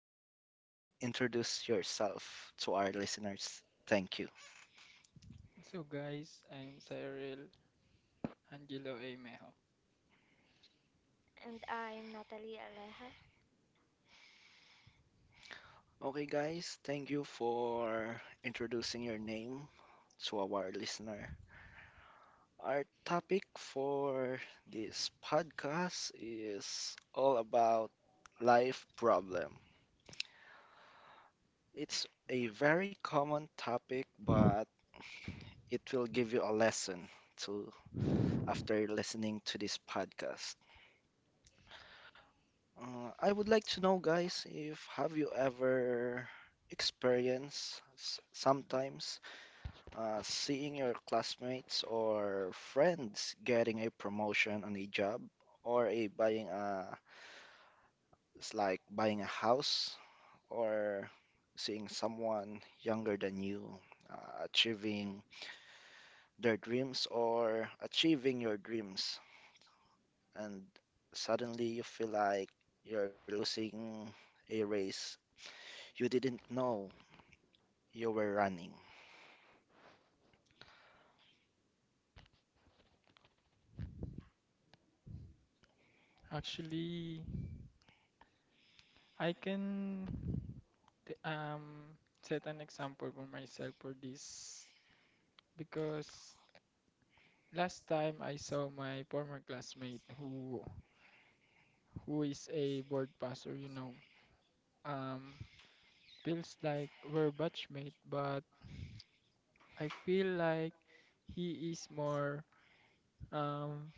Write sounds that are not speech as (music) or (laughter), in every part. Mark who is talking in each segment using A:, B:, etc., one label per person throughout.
A: could you please introduce yourself to our listeners? Thank you.
B: So, guys, I'm Cyril Angelo A. Mejo.
C: And I'm Natalie Aleja.
A: Okay, guys, thank you for introducing your name to our listener. Our topic for this podcast is all about life problem. It's a very common topic, but it will give you a lesson to after listening to this podcast. I would like to know, guys, if have you ever experienced sometimes seeing your classmates or friends getting a promotion on a job or a buying a it's like buying a house or seeing someone younger than you achieving their dreams or achieving your dreams and suddenly you feel like you're losing a race you didn't know you were running.
B: Actually, I can t- um set an example for myself for this because last time I saw my former classmate who is a board passer, you know, um, feels like we're batchmate, but I feel like he is more um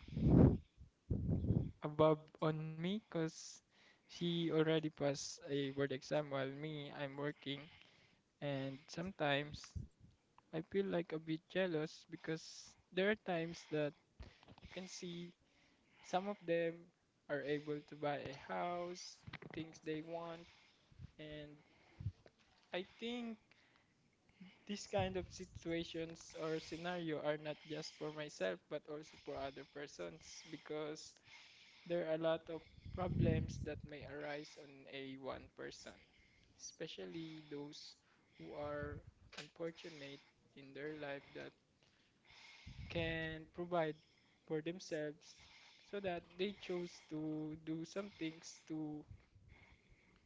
B: above on me because she already passed a board exam while me, I'm working. And sometimes I feel like a bit jealous because there are times that you can see some of them are able to buy a house, things they want, and I think these kind of situations or scenario are not just for myself but also for other persons because there are a lot of problems that may arise on a one person, especially those who are unfortunate in their life that can provide for themselves so that they chose to do some things to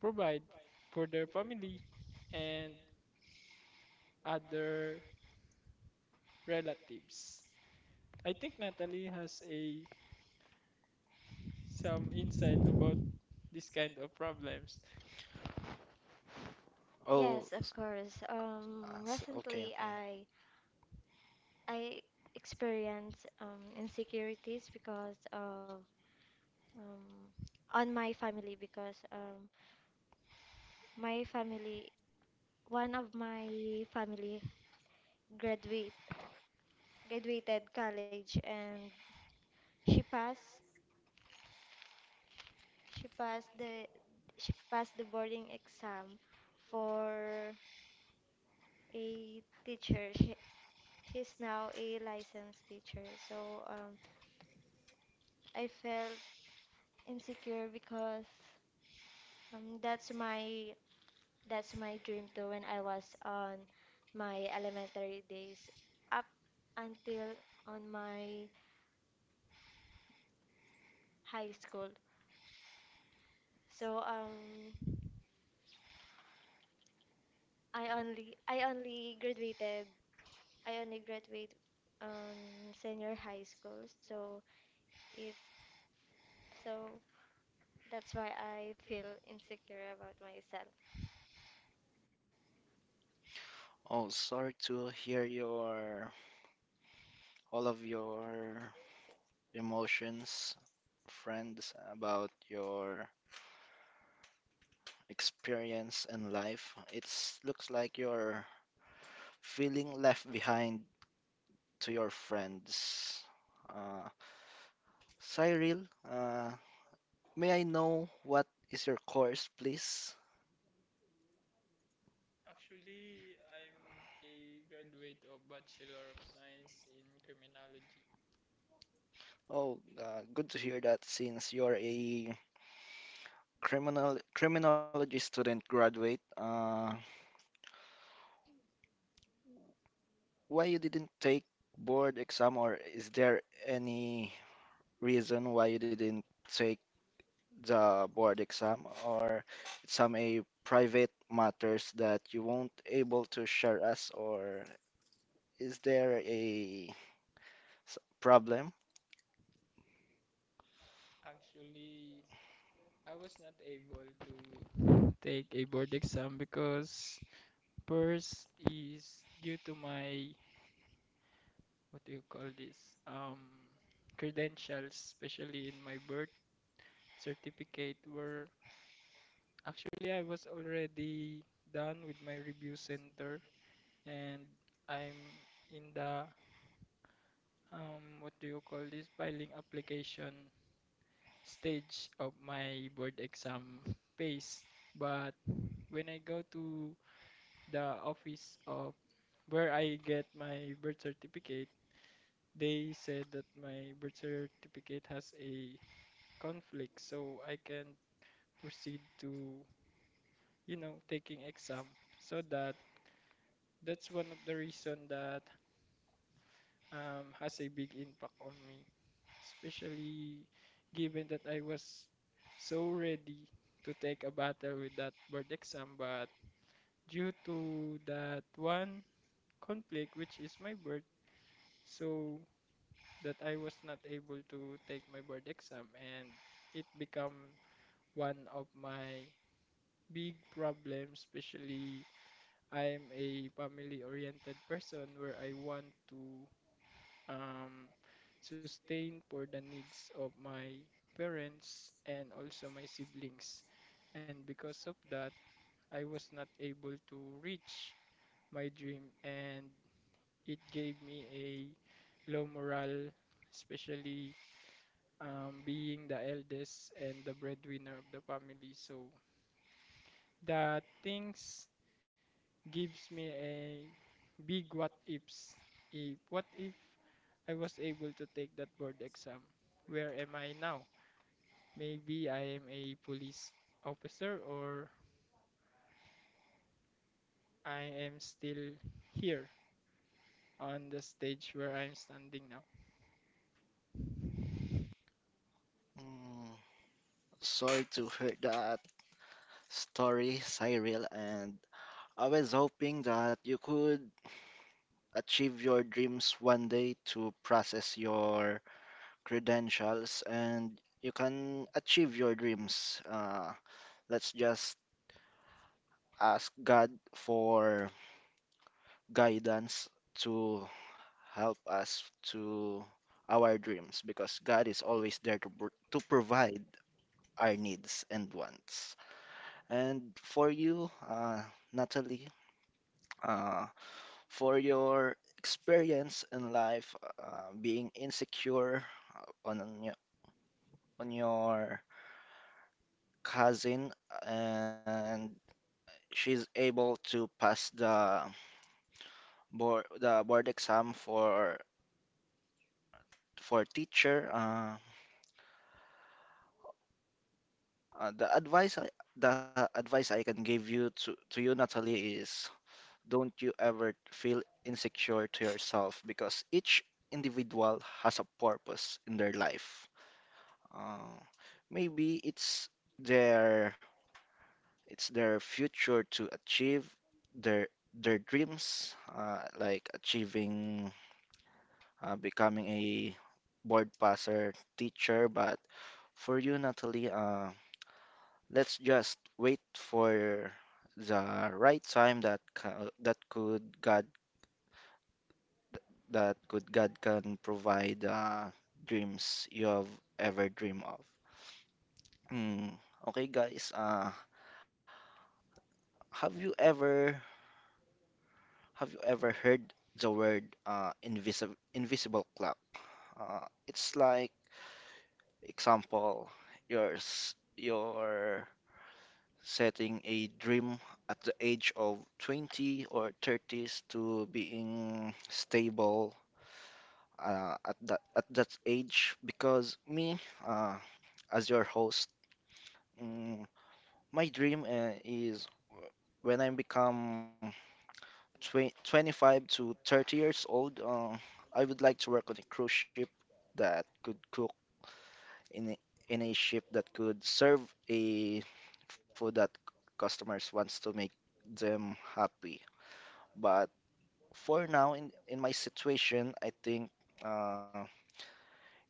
B: provide for their family and other relatives. I think Natalie has a some insight about this kind of problems.
A: oh
C: Yes, of
A: s-
C: course.
A: okay,
C: Recently,
A: okay.
C: I experienced insecurities because of um, on my family because my family, one of my family graduate graduated college and she passed she passed the she passed the boarding exam for a teacher. She's now a licensed teacher. So I felt insecure because um, that's my that's my dream too when I was on my elementary days up until on my high school. So I only I only graduated I only graduate senior high school, so it's so that's why I feel insecure about myself.
A: Oh, sorry to hear your all of your emotions, friends, about your experience and life. It looks like you're feeling left behind to your friends. uh, Cyril, uh, may I know what is your course, please?
B: Actually, I'm a graduate of Bachelor of Science in Criminology.
A: Oh, good to hear that since you're a criminal criminology student graduate. Why you didn't take board exam, or is there any reason why you didn't take the board exam, or some a private matters that you won't able to share us, or is there a problem?
B: Actually, I was not able to take a board exam because first is due to my what do you call this? Um, Credentials, especially in my birth certificate, were actually I was already done with my review center and I'm in the what do you call this, filing application stage of my board exam phase. But when I go to the office of where I get my birth certificate, they said that my birth certificate has a conflict, so I can proceed to, you know, taking exam. So that's one of the reason that has a big impact on me, especially given that I was so ready to take a battle with that board exam, but due to that one conflict, which is my birth, so that I was not able to take my board exam, and it become one of my big problems, especially I'm a family oriented person where I want to um, sustain for the needs of my parents and also my siblings. And because of that, I was not able to reach my dream, and it gave me a low morale, especially being the eldest and the breadwinner of the family. So the things gives me a big what ifs. A what if I was able to take that board exam? Where am I now? Maybe I am a police officer or I am still here on the stage where I'm standing now.
A: Mm, sorry to hear that story, Cyril, and I was hoping that you could achieve your dreams one day to process your credentials and you can achieve your dreams. Let's just ask God for guidance to help us to our dreams because God is always there to, to provide our needs and wants. And for you, Natalie, uh, for your experience in life, being insecure uh, on your, on your cousin, and she's able to pass the board exam for teacher. The advice the advice I can give you to you, Natalie, is don't you ever feel insecure to yourself because each individual has a purpose in their life. Uh, maybe their it's their future to achieve their their dreams, like achieving becoming a board passer teacher. But for you, Natalie, let's just wait for the right time that that could God can provide dreams you have ever dream of. Hmm. Okay, guys. Have you ever Have you ever heard the word invisible cloud? It's like example, you're setting a dream at the age of 20 or 30s to being stable, at that age because me, uh, as your host, mm, my dream is when I become tw 25 to 30 years old, I would like to work on a cruise ship that could cook in a, in a ship that could serve a food that customers wants to make them happy. But for now, in my situation, I think uh,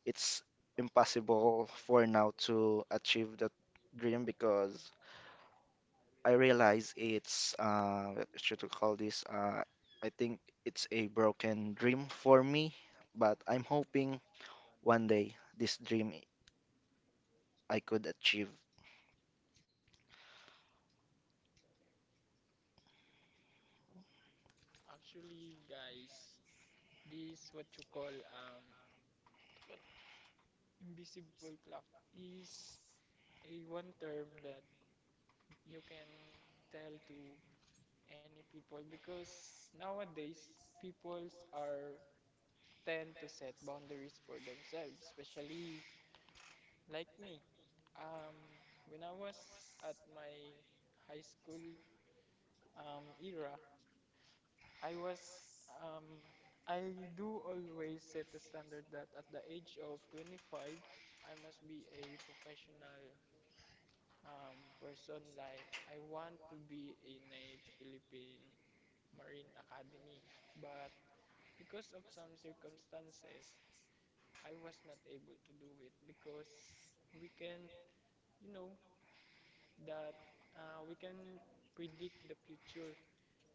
A: it's impossible for now to achieve that dream because I realize it's what should we call this? I think it's a broken dream for me, but I'm hoping one day this dream I could achieve.
B: Actually, guys, this what you call invisible clock is a one term that you can tell to any people because nowadays peoples are tend to set boundaries for themselves, especially like me, um when I was at my high school era. I was um I do always set the standard that at the age of 25 I must be a professional person. Like, I want to be in a Philippine Marine Academy, but because of some circumstances, I was not able to do it because we can, you know, that we can predict the future.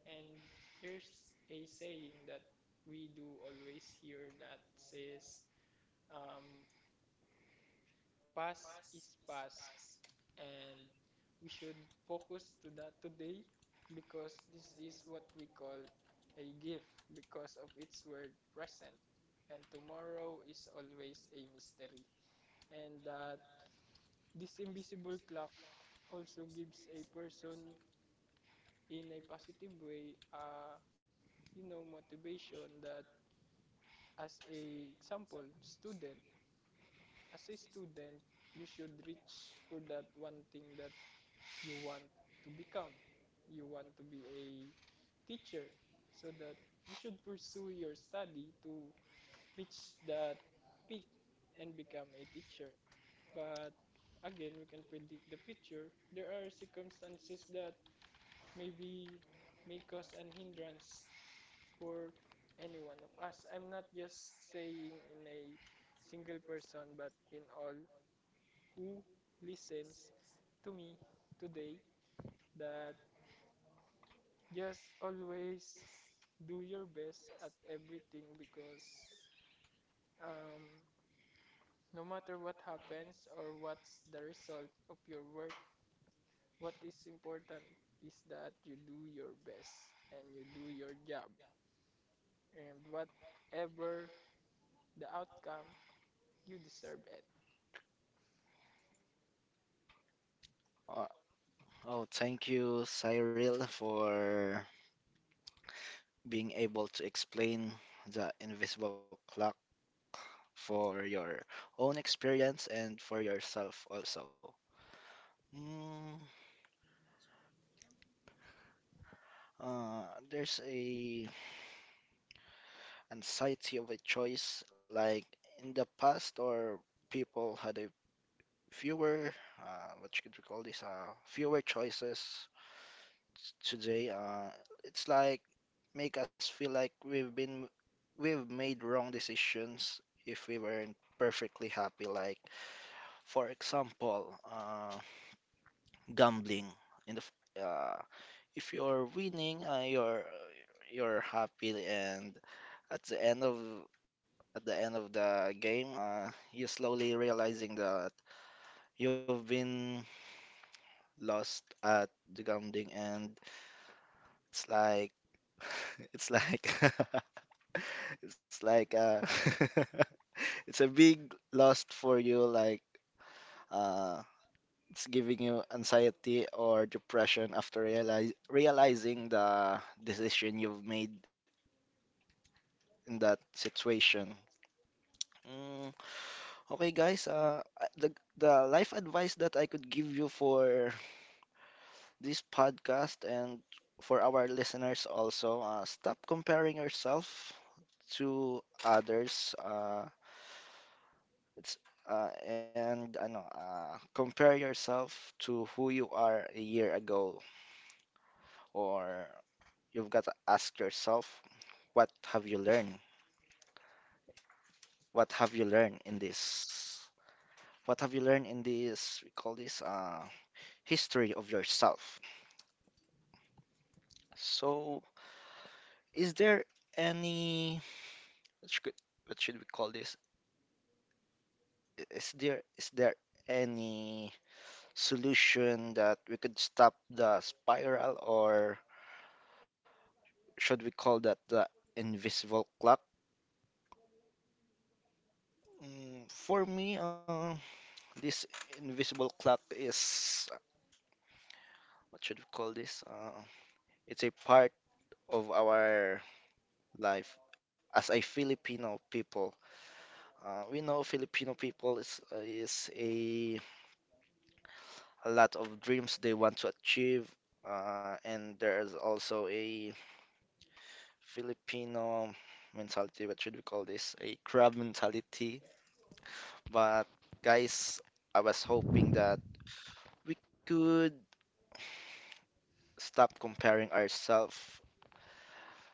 B: And there's a saying that we do always hear that says, um, past is past, and we should focus to that today because this is what we call a gift because of its word present, and tomorrow is always a mystery. And that this invisible clock also gives a person in a positive way, you know, motivation that as a example student, as a student, you should reach for that one thing that you want to become. You want to be a teacher so that you should pursue your study to reach that peak and become a teacher. But again, we can predict the future. There are circumstances that maybe may cause an hindrance for any one of us. I'm not just saying in a single person, but in all who listens to me today that just always do your best at everything because, um, no matter what happens or what's the result of your work, what is important is that you do your best and you do your job. And whatever the outcome, you deserve it.
A: Uh, oh, thank you, Cyril, for being able to explain the invisible clock for your own experience and for yourself also. Mm, uh, there's a anxiety of a choice like in the past or people had a fewer what you could call this fewer choices today. It's like make us feel like we've made wrong decisions if we weren't perfectly happy like for example, gambling in the f- uh, if you're winning, you're happy and at the end of at the end of the game, you're slowly realizing that you've been lost at the grounding and it's like (laughs) it's like (laughs) it's like (laughs) it's a big loss for you like uh it's giving you anxiety or depression after realize realizing the decision you've made in that situation. Mm, okay guys, the the life advice that I could give you for this podcast and for our listeners also. Stop comparing yourself to others. It's and I know, compare yourself to who you are a year ago, or you've got to ask yourself, what have you learned? What have you learned in this? What have you learned in this? We call this history of yourself. So, is there any what should, what should we call this? Is there any solution that we could stop the spiral, or should we call that the invisible clock? Mm, for me, this invisible clock is what should we call this? It's a part of our life as a Filipino people. We know Filipino people is a lot of dreams they want to achieve, and there is also a Filipino mentality, what should we call this? A crab mentality. But guys, I was hoping that we could stop comparing ourselves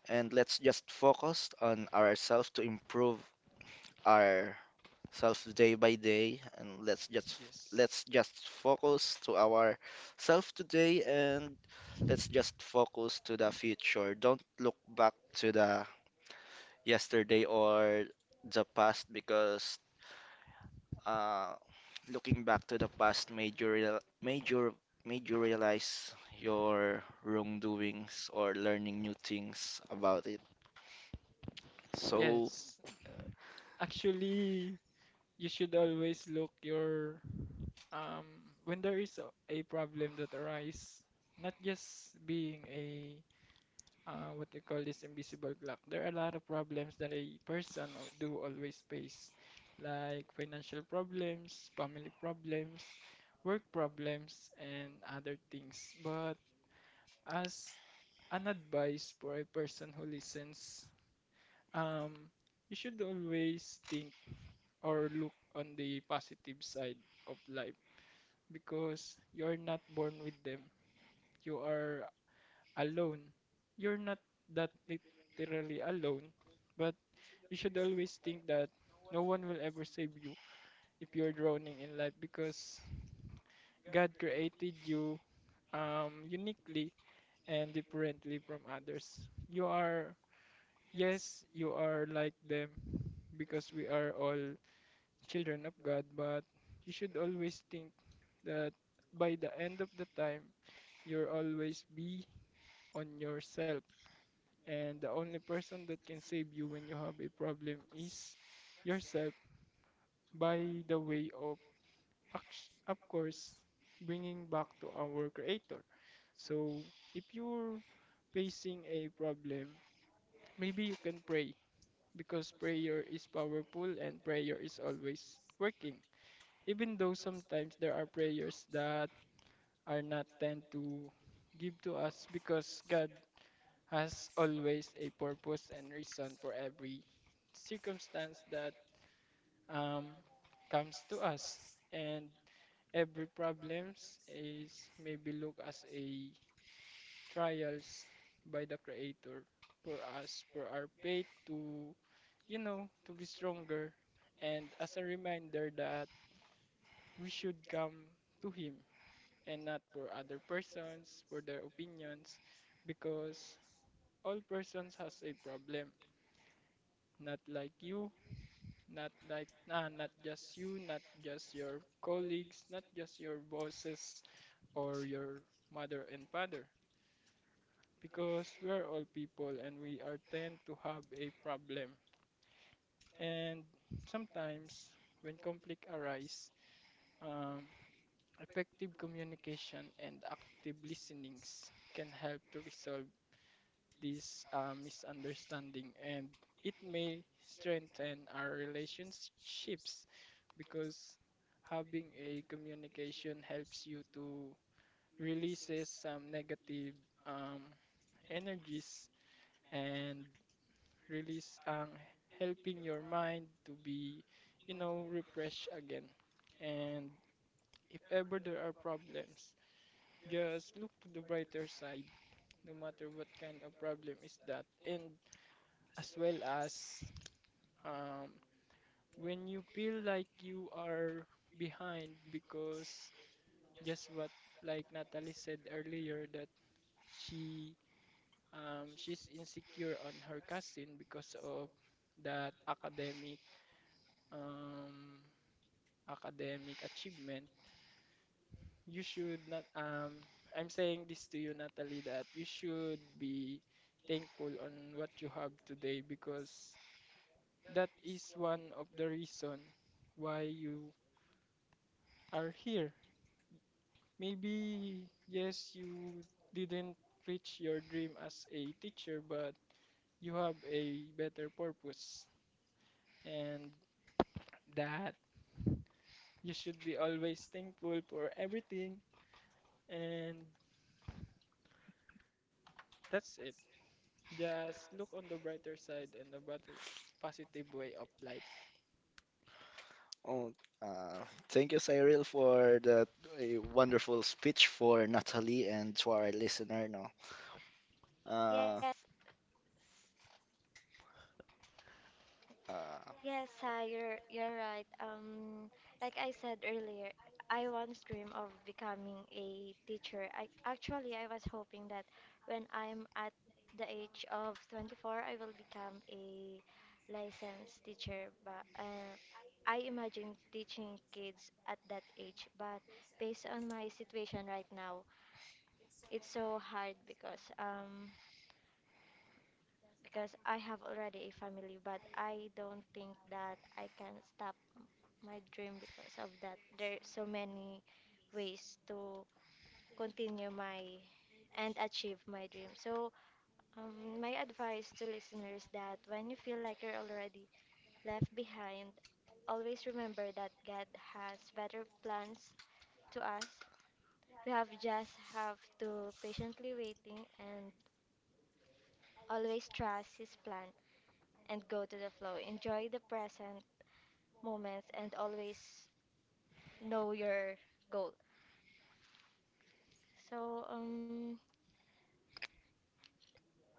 A: and let's just focus on ourselves to improve ourselves day by day and
B: Yes.
A: let's just focus to our self today and let's just focus to the future. Don't look back to the yesterday or the past because, uh, looking back to the past made you realize your wrongdoings or learning new things about it. So,
B: Yes. Actually, you should always look your um when there is a problem that arise, not just being a what they call this invisible clock. There are a lot of problems that a person do always face, like financial problems, family problems, work problems, and other things. But as an advice for a person who listens, um, you should always think or look on the positive side of life because you're not born with them. You are alone. You're not that literally alone, but you should always think that no one will ever save you if you're drowning in life because God created you uniquely and differently from others. You are, yes, you are like them because we are all children of God, but you should always think that by the end of the time, you'll always be on yourself. And the only person that can save you when you have a problem is yourself, by the way of of course bringing back to our creator. So if you're facing a problem, maybe you can pray because prayer is powerful and prayer is always working, even though sometimes there are prayers that are not tend to give to us because God has always a purpose and reason for every circumstance that um, comes to us. And every problems is maybe look as a trials by the creator for us, for our faith to, you know, to be stronger, and as a reminder that we should come to him and not for other persons, for their opinions, because all persons has a problem. Not like you, not like nah, not just you, not just your colleagues, not just your bosses or your mother and father, because we are all people and we are tend to have a problem. And sometimes when conflict arise, um, effective communication and active listenings can help to resolve this misunderstanding, and it may strengthen our relationships because having a communication helps you to releases some negative um, energies and release ang helping your mind to be, you know, refreshed again. And if ever there are problems, just look to the brighter side, no matter what kind of problem is that. And as well as, um, when you feel like you are behind because just what like Natalie said earlier, that she, she's insecure on her cousin because of that academic, um, academic achievement, you should not, I'm saying this to you, Natalie, that you should be thankful on what you have today because that is one of the reason why you are here. Maybe, yes, you didn't reach your dream as a teacher, but you have a better purpose, and that you should be always thankful for everything, and that's it. Just look on the brighter side and the positive way of life.
A: oh, uh, thank you, Cyril, for that wonderful speech for Natalie and to our listener. No, uh,
C: Yes,
A: uh,
C: yes, Sai, you're right. Like I said earlier, I once dream of becoming a teacher. I was hoping that when I'm at the age of 24, I will become a licensed teacher. But I imagine teaching kids at that age. But based on my situation right now, it's so hard because I have already a family, but I don't think that I can stop my dream because of that. There are so many ways to continue my and achieve my dream. So, my advice to listeners that when you feel like you're already left behind, always remember that God has better plans to us. We have just have to patiently waiting and always trust His plan and go to the flow. Enjoy the present moments and always know your goal. So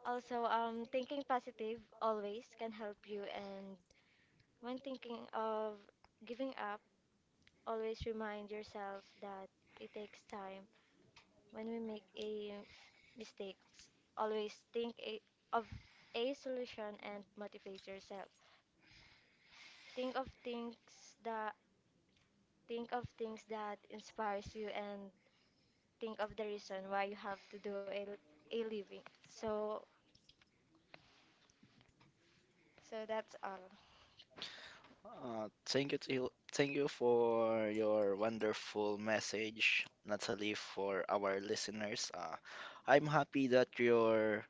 C: also thinking positive always can help you, and when thinking of giving up, always remind yourself that it takes time. When we make a mistakes, always think of a solution and motivate yourself. Think of things that think of things that inspires you, and think of the reason why you have to do a living. So that's all.
A: Thank you, thank you for your wonderful message, Natalie, for our listeners. I'm happy that your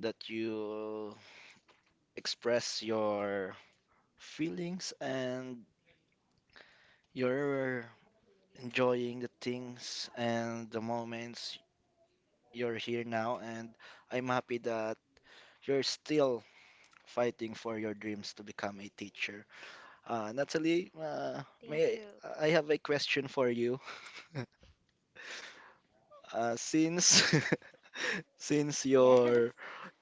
A: that you express your feelings and you're enjoying the things and the moments you're here now. And I'm happy that you're still fighting for your dreams to become a teacher. Natalie, may
C: Thank you.
A: I have a question for you? (laughs) Since (laughs) since
C: Yes. (laughs)
A: you're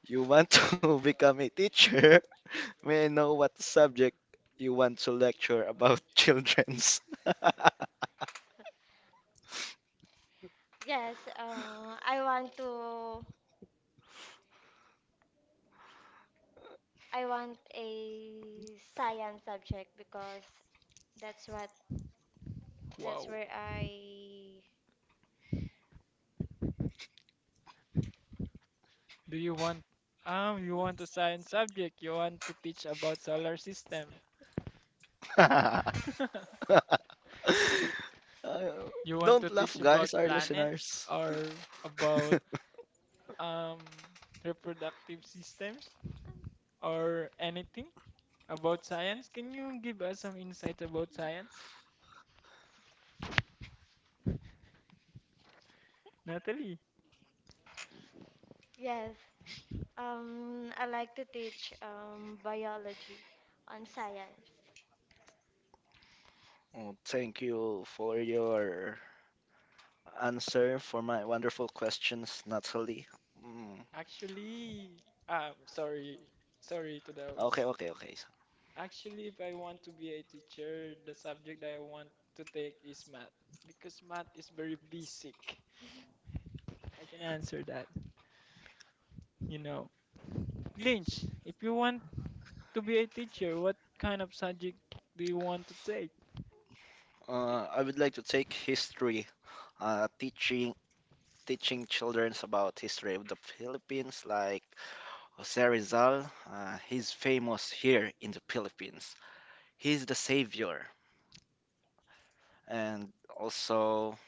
A: you want to (laughs) become a teacher, (laughs) may I know what subject you want to lecture about (laughs) children's?
C: Yes, I want a science subject because that's what that's
B: Wow.
C: where I
B: Do you want a science subject? You want to teach about solar system?
A: (laughs)
C: (laughs)
B: (laughs)
A: Uh,
B: You want
A: don't
B: to
A: laugh,
B: teach
A: guys,
B: about
A: our
B: planets
A: listeners.
B: or about
A: (laughs)
B: um reproductive systems or anything about science? Can you give us some insights about science, Natalie?
C: Yes. I like to teach biology on science.
A: Oh, thank you for your answer for my wonderful questions, Natalie. Mm.
B: Actually, um sorry sorry to
A: Okay,
B: those
A: okay, okay.
B: actually, if I want to be a teacher, the subject that I want to take is math because math is very basic. I can answer that, you know. Lynch, if you want to be a teacher, what kind of subject do you want to take?
A: I would like to take history, uh, teaching teaching children about history of the Philippines, like Jose Rizal. He's famous here in the Philippines. He's the savior, and also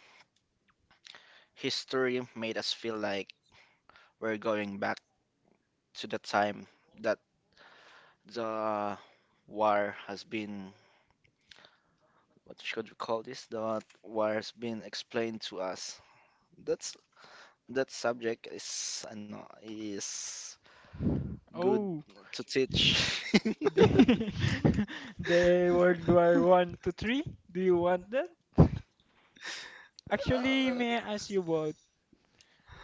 A: history made us feel like we're going back to the time that the war has been. What should we call this? The war has been explained to us. That's that subject is I know is good
B: Oh,
A: to teach. (laughs)
B: (laughs) the, (laughs) the World War One to Three. Do you want that? Actually,
A: Uh,
B: may I ask you both,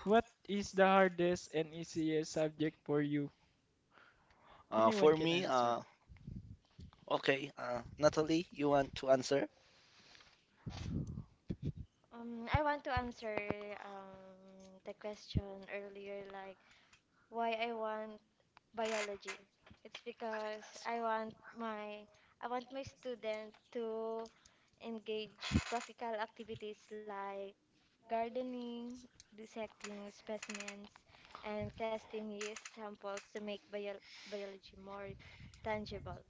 B: what is the hardest and easiest subject for you?
A: Uh, for
B: Anyone can
A: me, uh,
B: answer.
A: okay, Natalie, you want to answer?
C: I want to answer the question earlier, like why I want biology. It's because I want my student to engage practical activities like gardening, dissecting specimens, and testing yeast samples to make biology more tangible.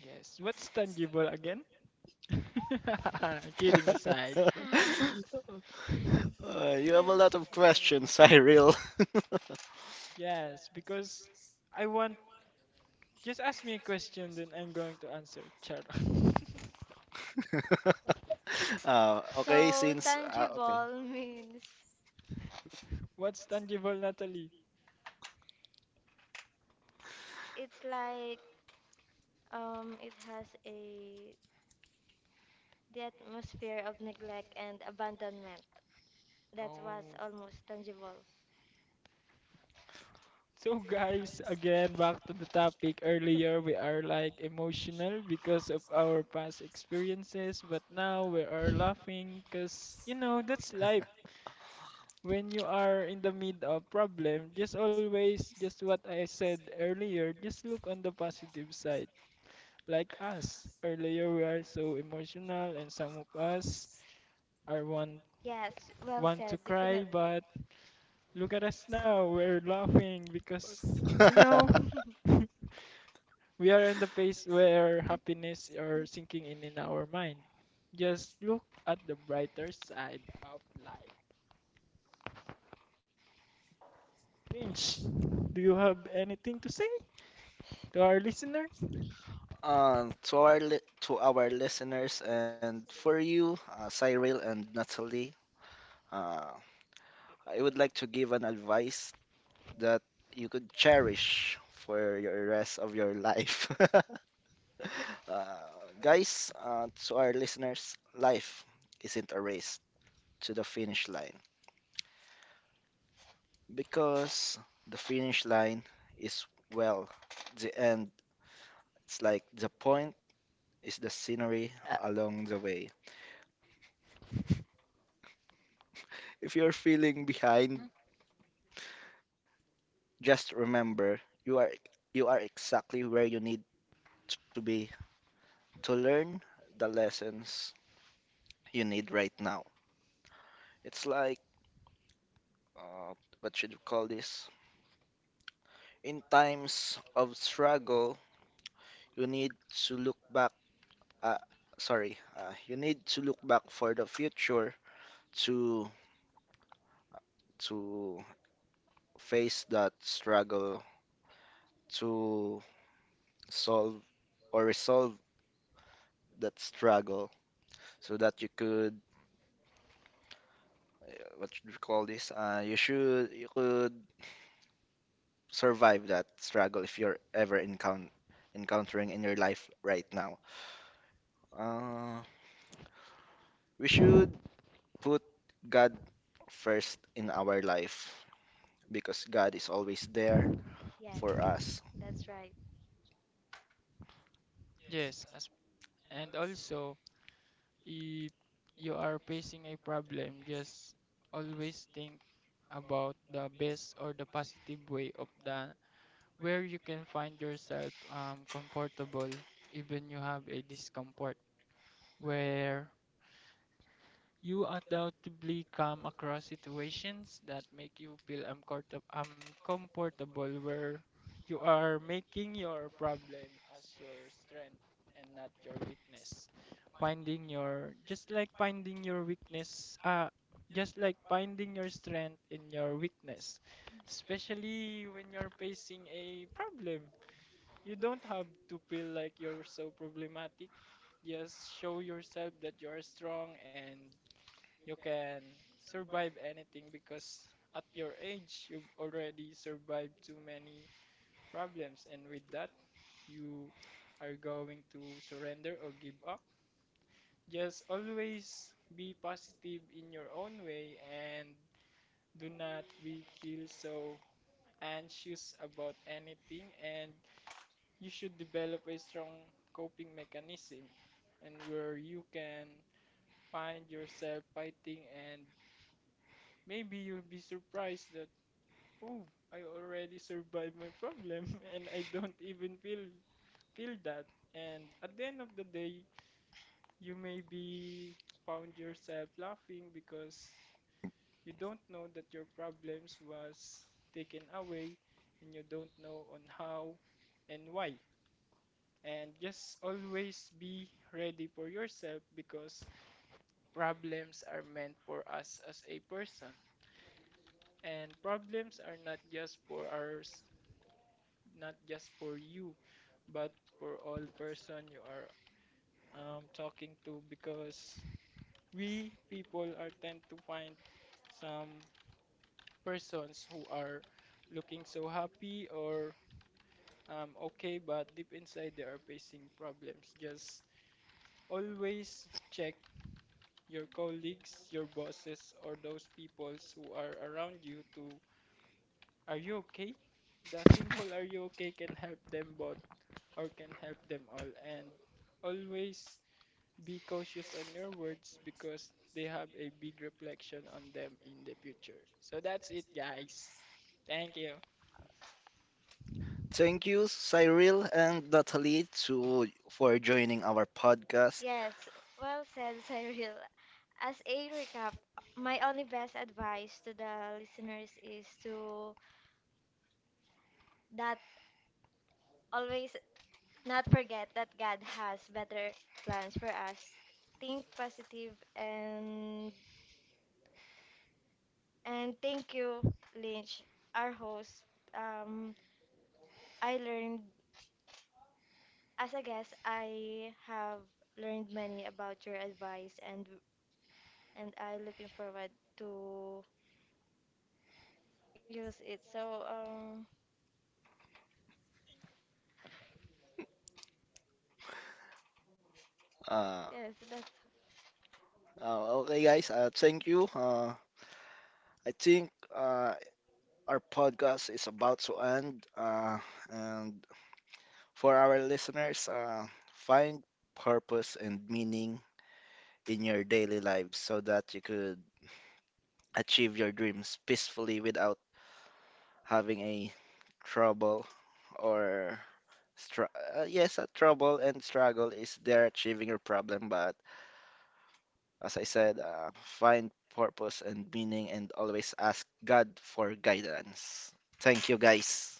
B: Yes. What's tangible again? (laughs) Kidding aside.
C: (laughs)
A: (laughs)
B: (laughs)
A: You have a
C: You're
A: lot of
C: silly.
A: questions, Cyril.
B: Yes, because I want just ask me a question then I'm going to answer. Charot. (laughs)
A: (laughs) uh, okay,
C: So
A: since uh,
C: tangible (laughs) means
B: What's tangible, Natalie?
C: it's like it has a the atmosphere of neglect and abandonment that was
B: Oh.
C: almost tangible.
B: So guys, again back to the topic earlier, we are like emotional because of our past experiences, but now we are laughing cuz you know that's life. When you are in the mid of problem, just always, just what I said earlier, just look on the positive side. Like us, earlier we are so emotional and some of us are want
C: Yes, well
B: want to
C: said,
B: cry, but
C: definitely.
B: look at us now, we're laughing because you
A: okay,
B: know
A: (laughs)
C: (laughs)
B: (laughs) we are in the place where happiness are sinking in our mind. Just look at the brighter side of life. Finch, do you have anything to say to our listeners?
A: To our li to our listeners and for you, Cyril and Natalie, uh, I would like to give an advice that you could cherish for your rest of your life. (laughs) Uh, guys, to our listeners, life isn't a race to the finish line because the finish line is, well, the end. It's like the point is the scenery along the way. If you're feeling
B: Mm,
A: behind, just remember, you are you are exactly where you need to be to learn the lessons you need right now. It's like uh, what should you call this? In times of struggle, you need to look back. Uh, sorry, you need to look back for the future to to face that struggle to solve or resolve that struggle so that you could what you call this you should you could survive that struggle if you're ever encountering in your life right now. uh we should put God first in our life because God is always there
C: Yes,
A: for us.
C: that's right.
B: yes, as and also if you are facing a problem, just always think about the best or the positive way of the where you can find yourself comfortable even you have a discomfort where you undoubtedly come across situations that make you feel uncomfortable, where you are making your problem as your strength and not your weakness. Finding your just like finding your weakness, just like finding your strength in your weakness. Especially when you're facing a problem, you don't have to feel like you're so problematic. Just show yourself that you are strong and you can survive anything because at your age you've already survived too many problems, and with that you are going to surrender or give up. Just always be positive in your own way and do not be feel so anxious about anything, and you should develop a strong coping mechanism and where you can find yourself fighting, and maybe you'll be surprised that, oh, I already survived my problem (laughs) and I don't even feel that. And at the end of the day, you may be found yourself laughing because you don't know that your problems was taken away and you don't know on how and why. And just always be ready for yourself because problems are meant for us as a person. And problems are not just for ours, not just for you but for all person you are talking to because we people are tend to find some persons who are looking so happy or okay but deep inside they are facing problems. Just always check your colleagues, your bosses, or those peoples who are around you to are you okay. The simple are you okay can help them both or can help them all. And always be cautious on your words because they have a big reflection on them in the future. So that's it, guys. Thank you.
A: Thank you, Cyril and Natalie, to for joining our podcast.
C: Yes, well said, Cyril. As a recap, my only best advice to the listeners is to that always not forget that God has better plans for us. Think positive and thank you, Lynch, our host. Um, I learned as a guest. I have learned many about your advice, and I looking forward to use it. So
A: uh,
C: yes, that's
A: okay guys, thank you. I think uh our podcast is about to end. And for our listeners, find purpose and meaning in your daily lives so that you could achieve your dreams peacefully without having a trouble or yes, a trouble and struggle is there achieving your problem. But as I said, find purpose and meaning and always ask God for guidance. Thank you, guys.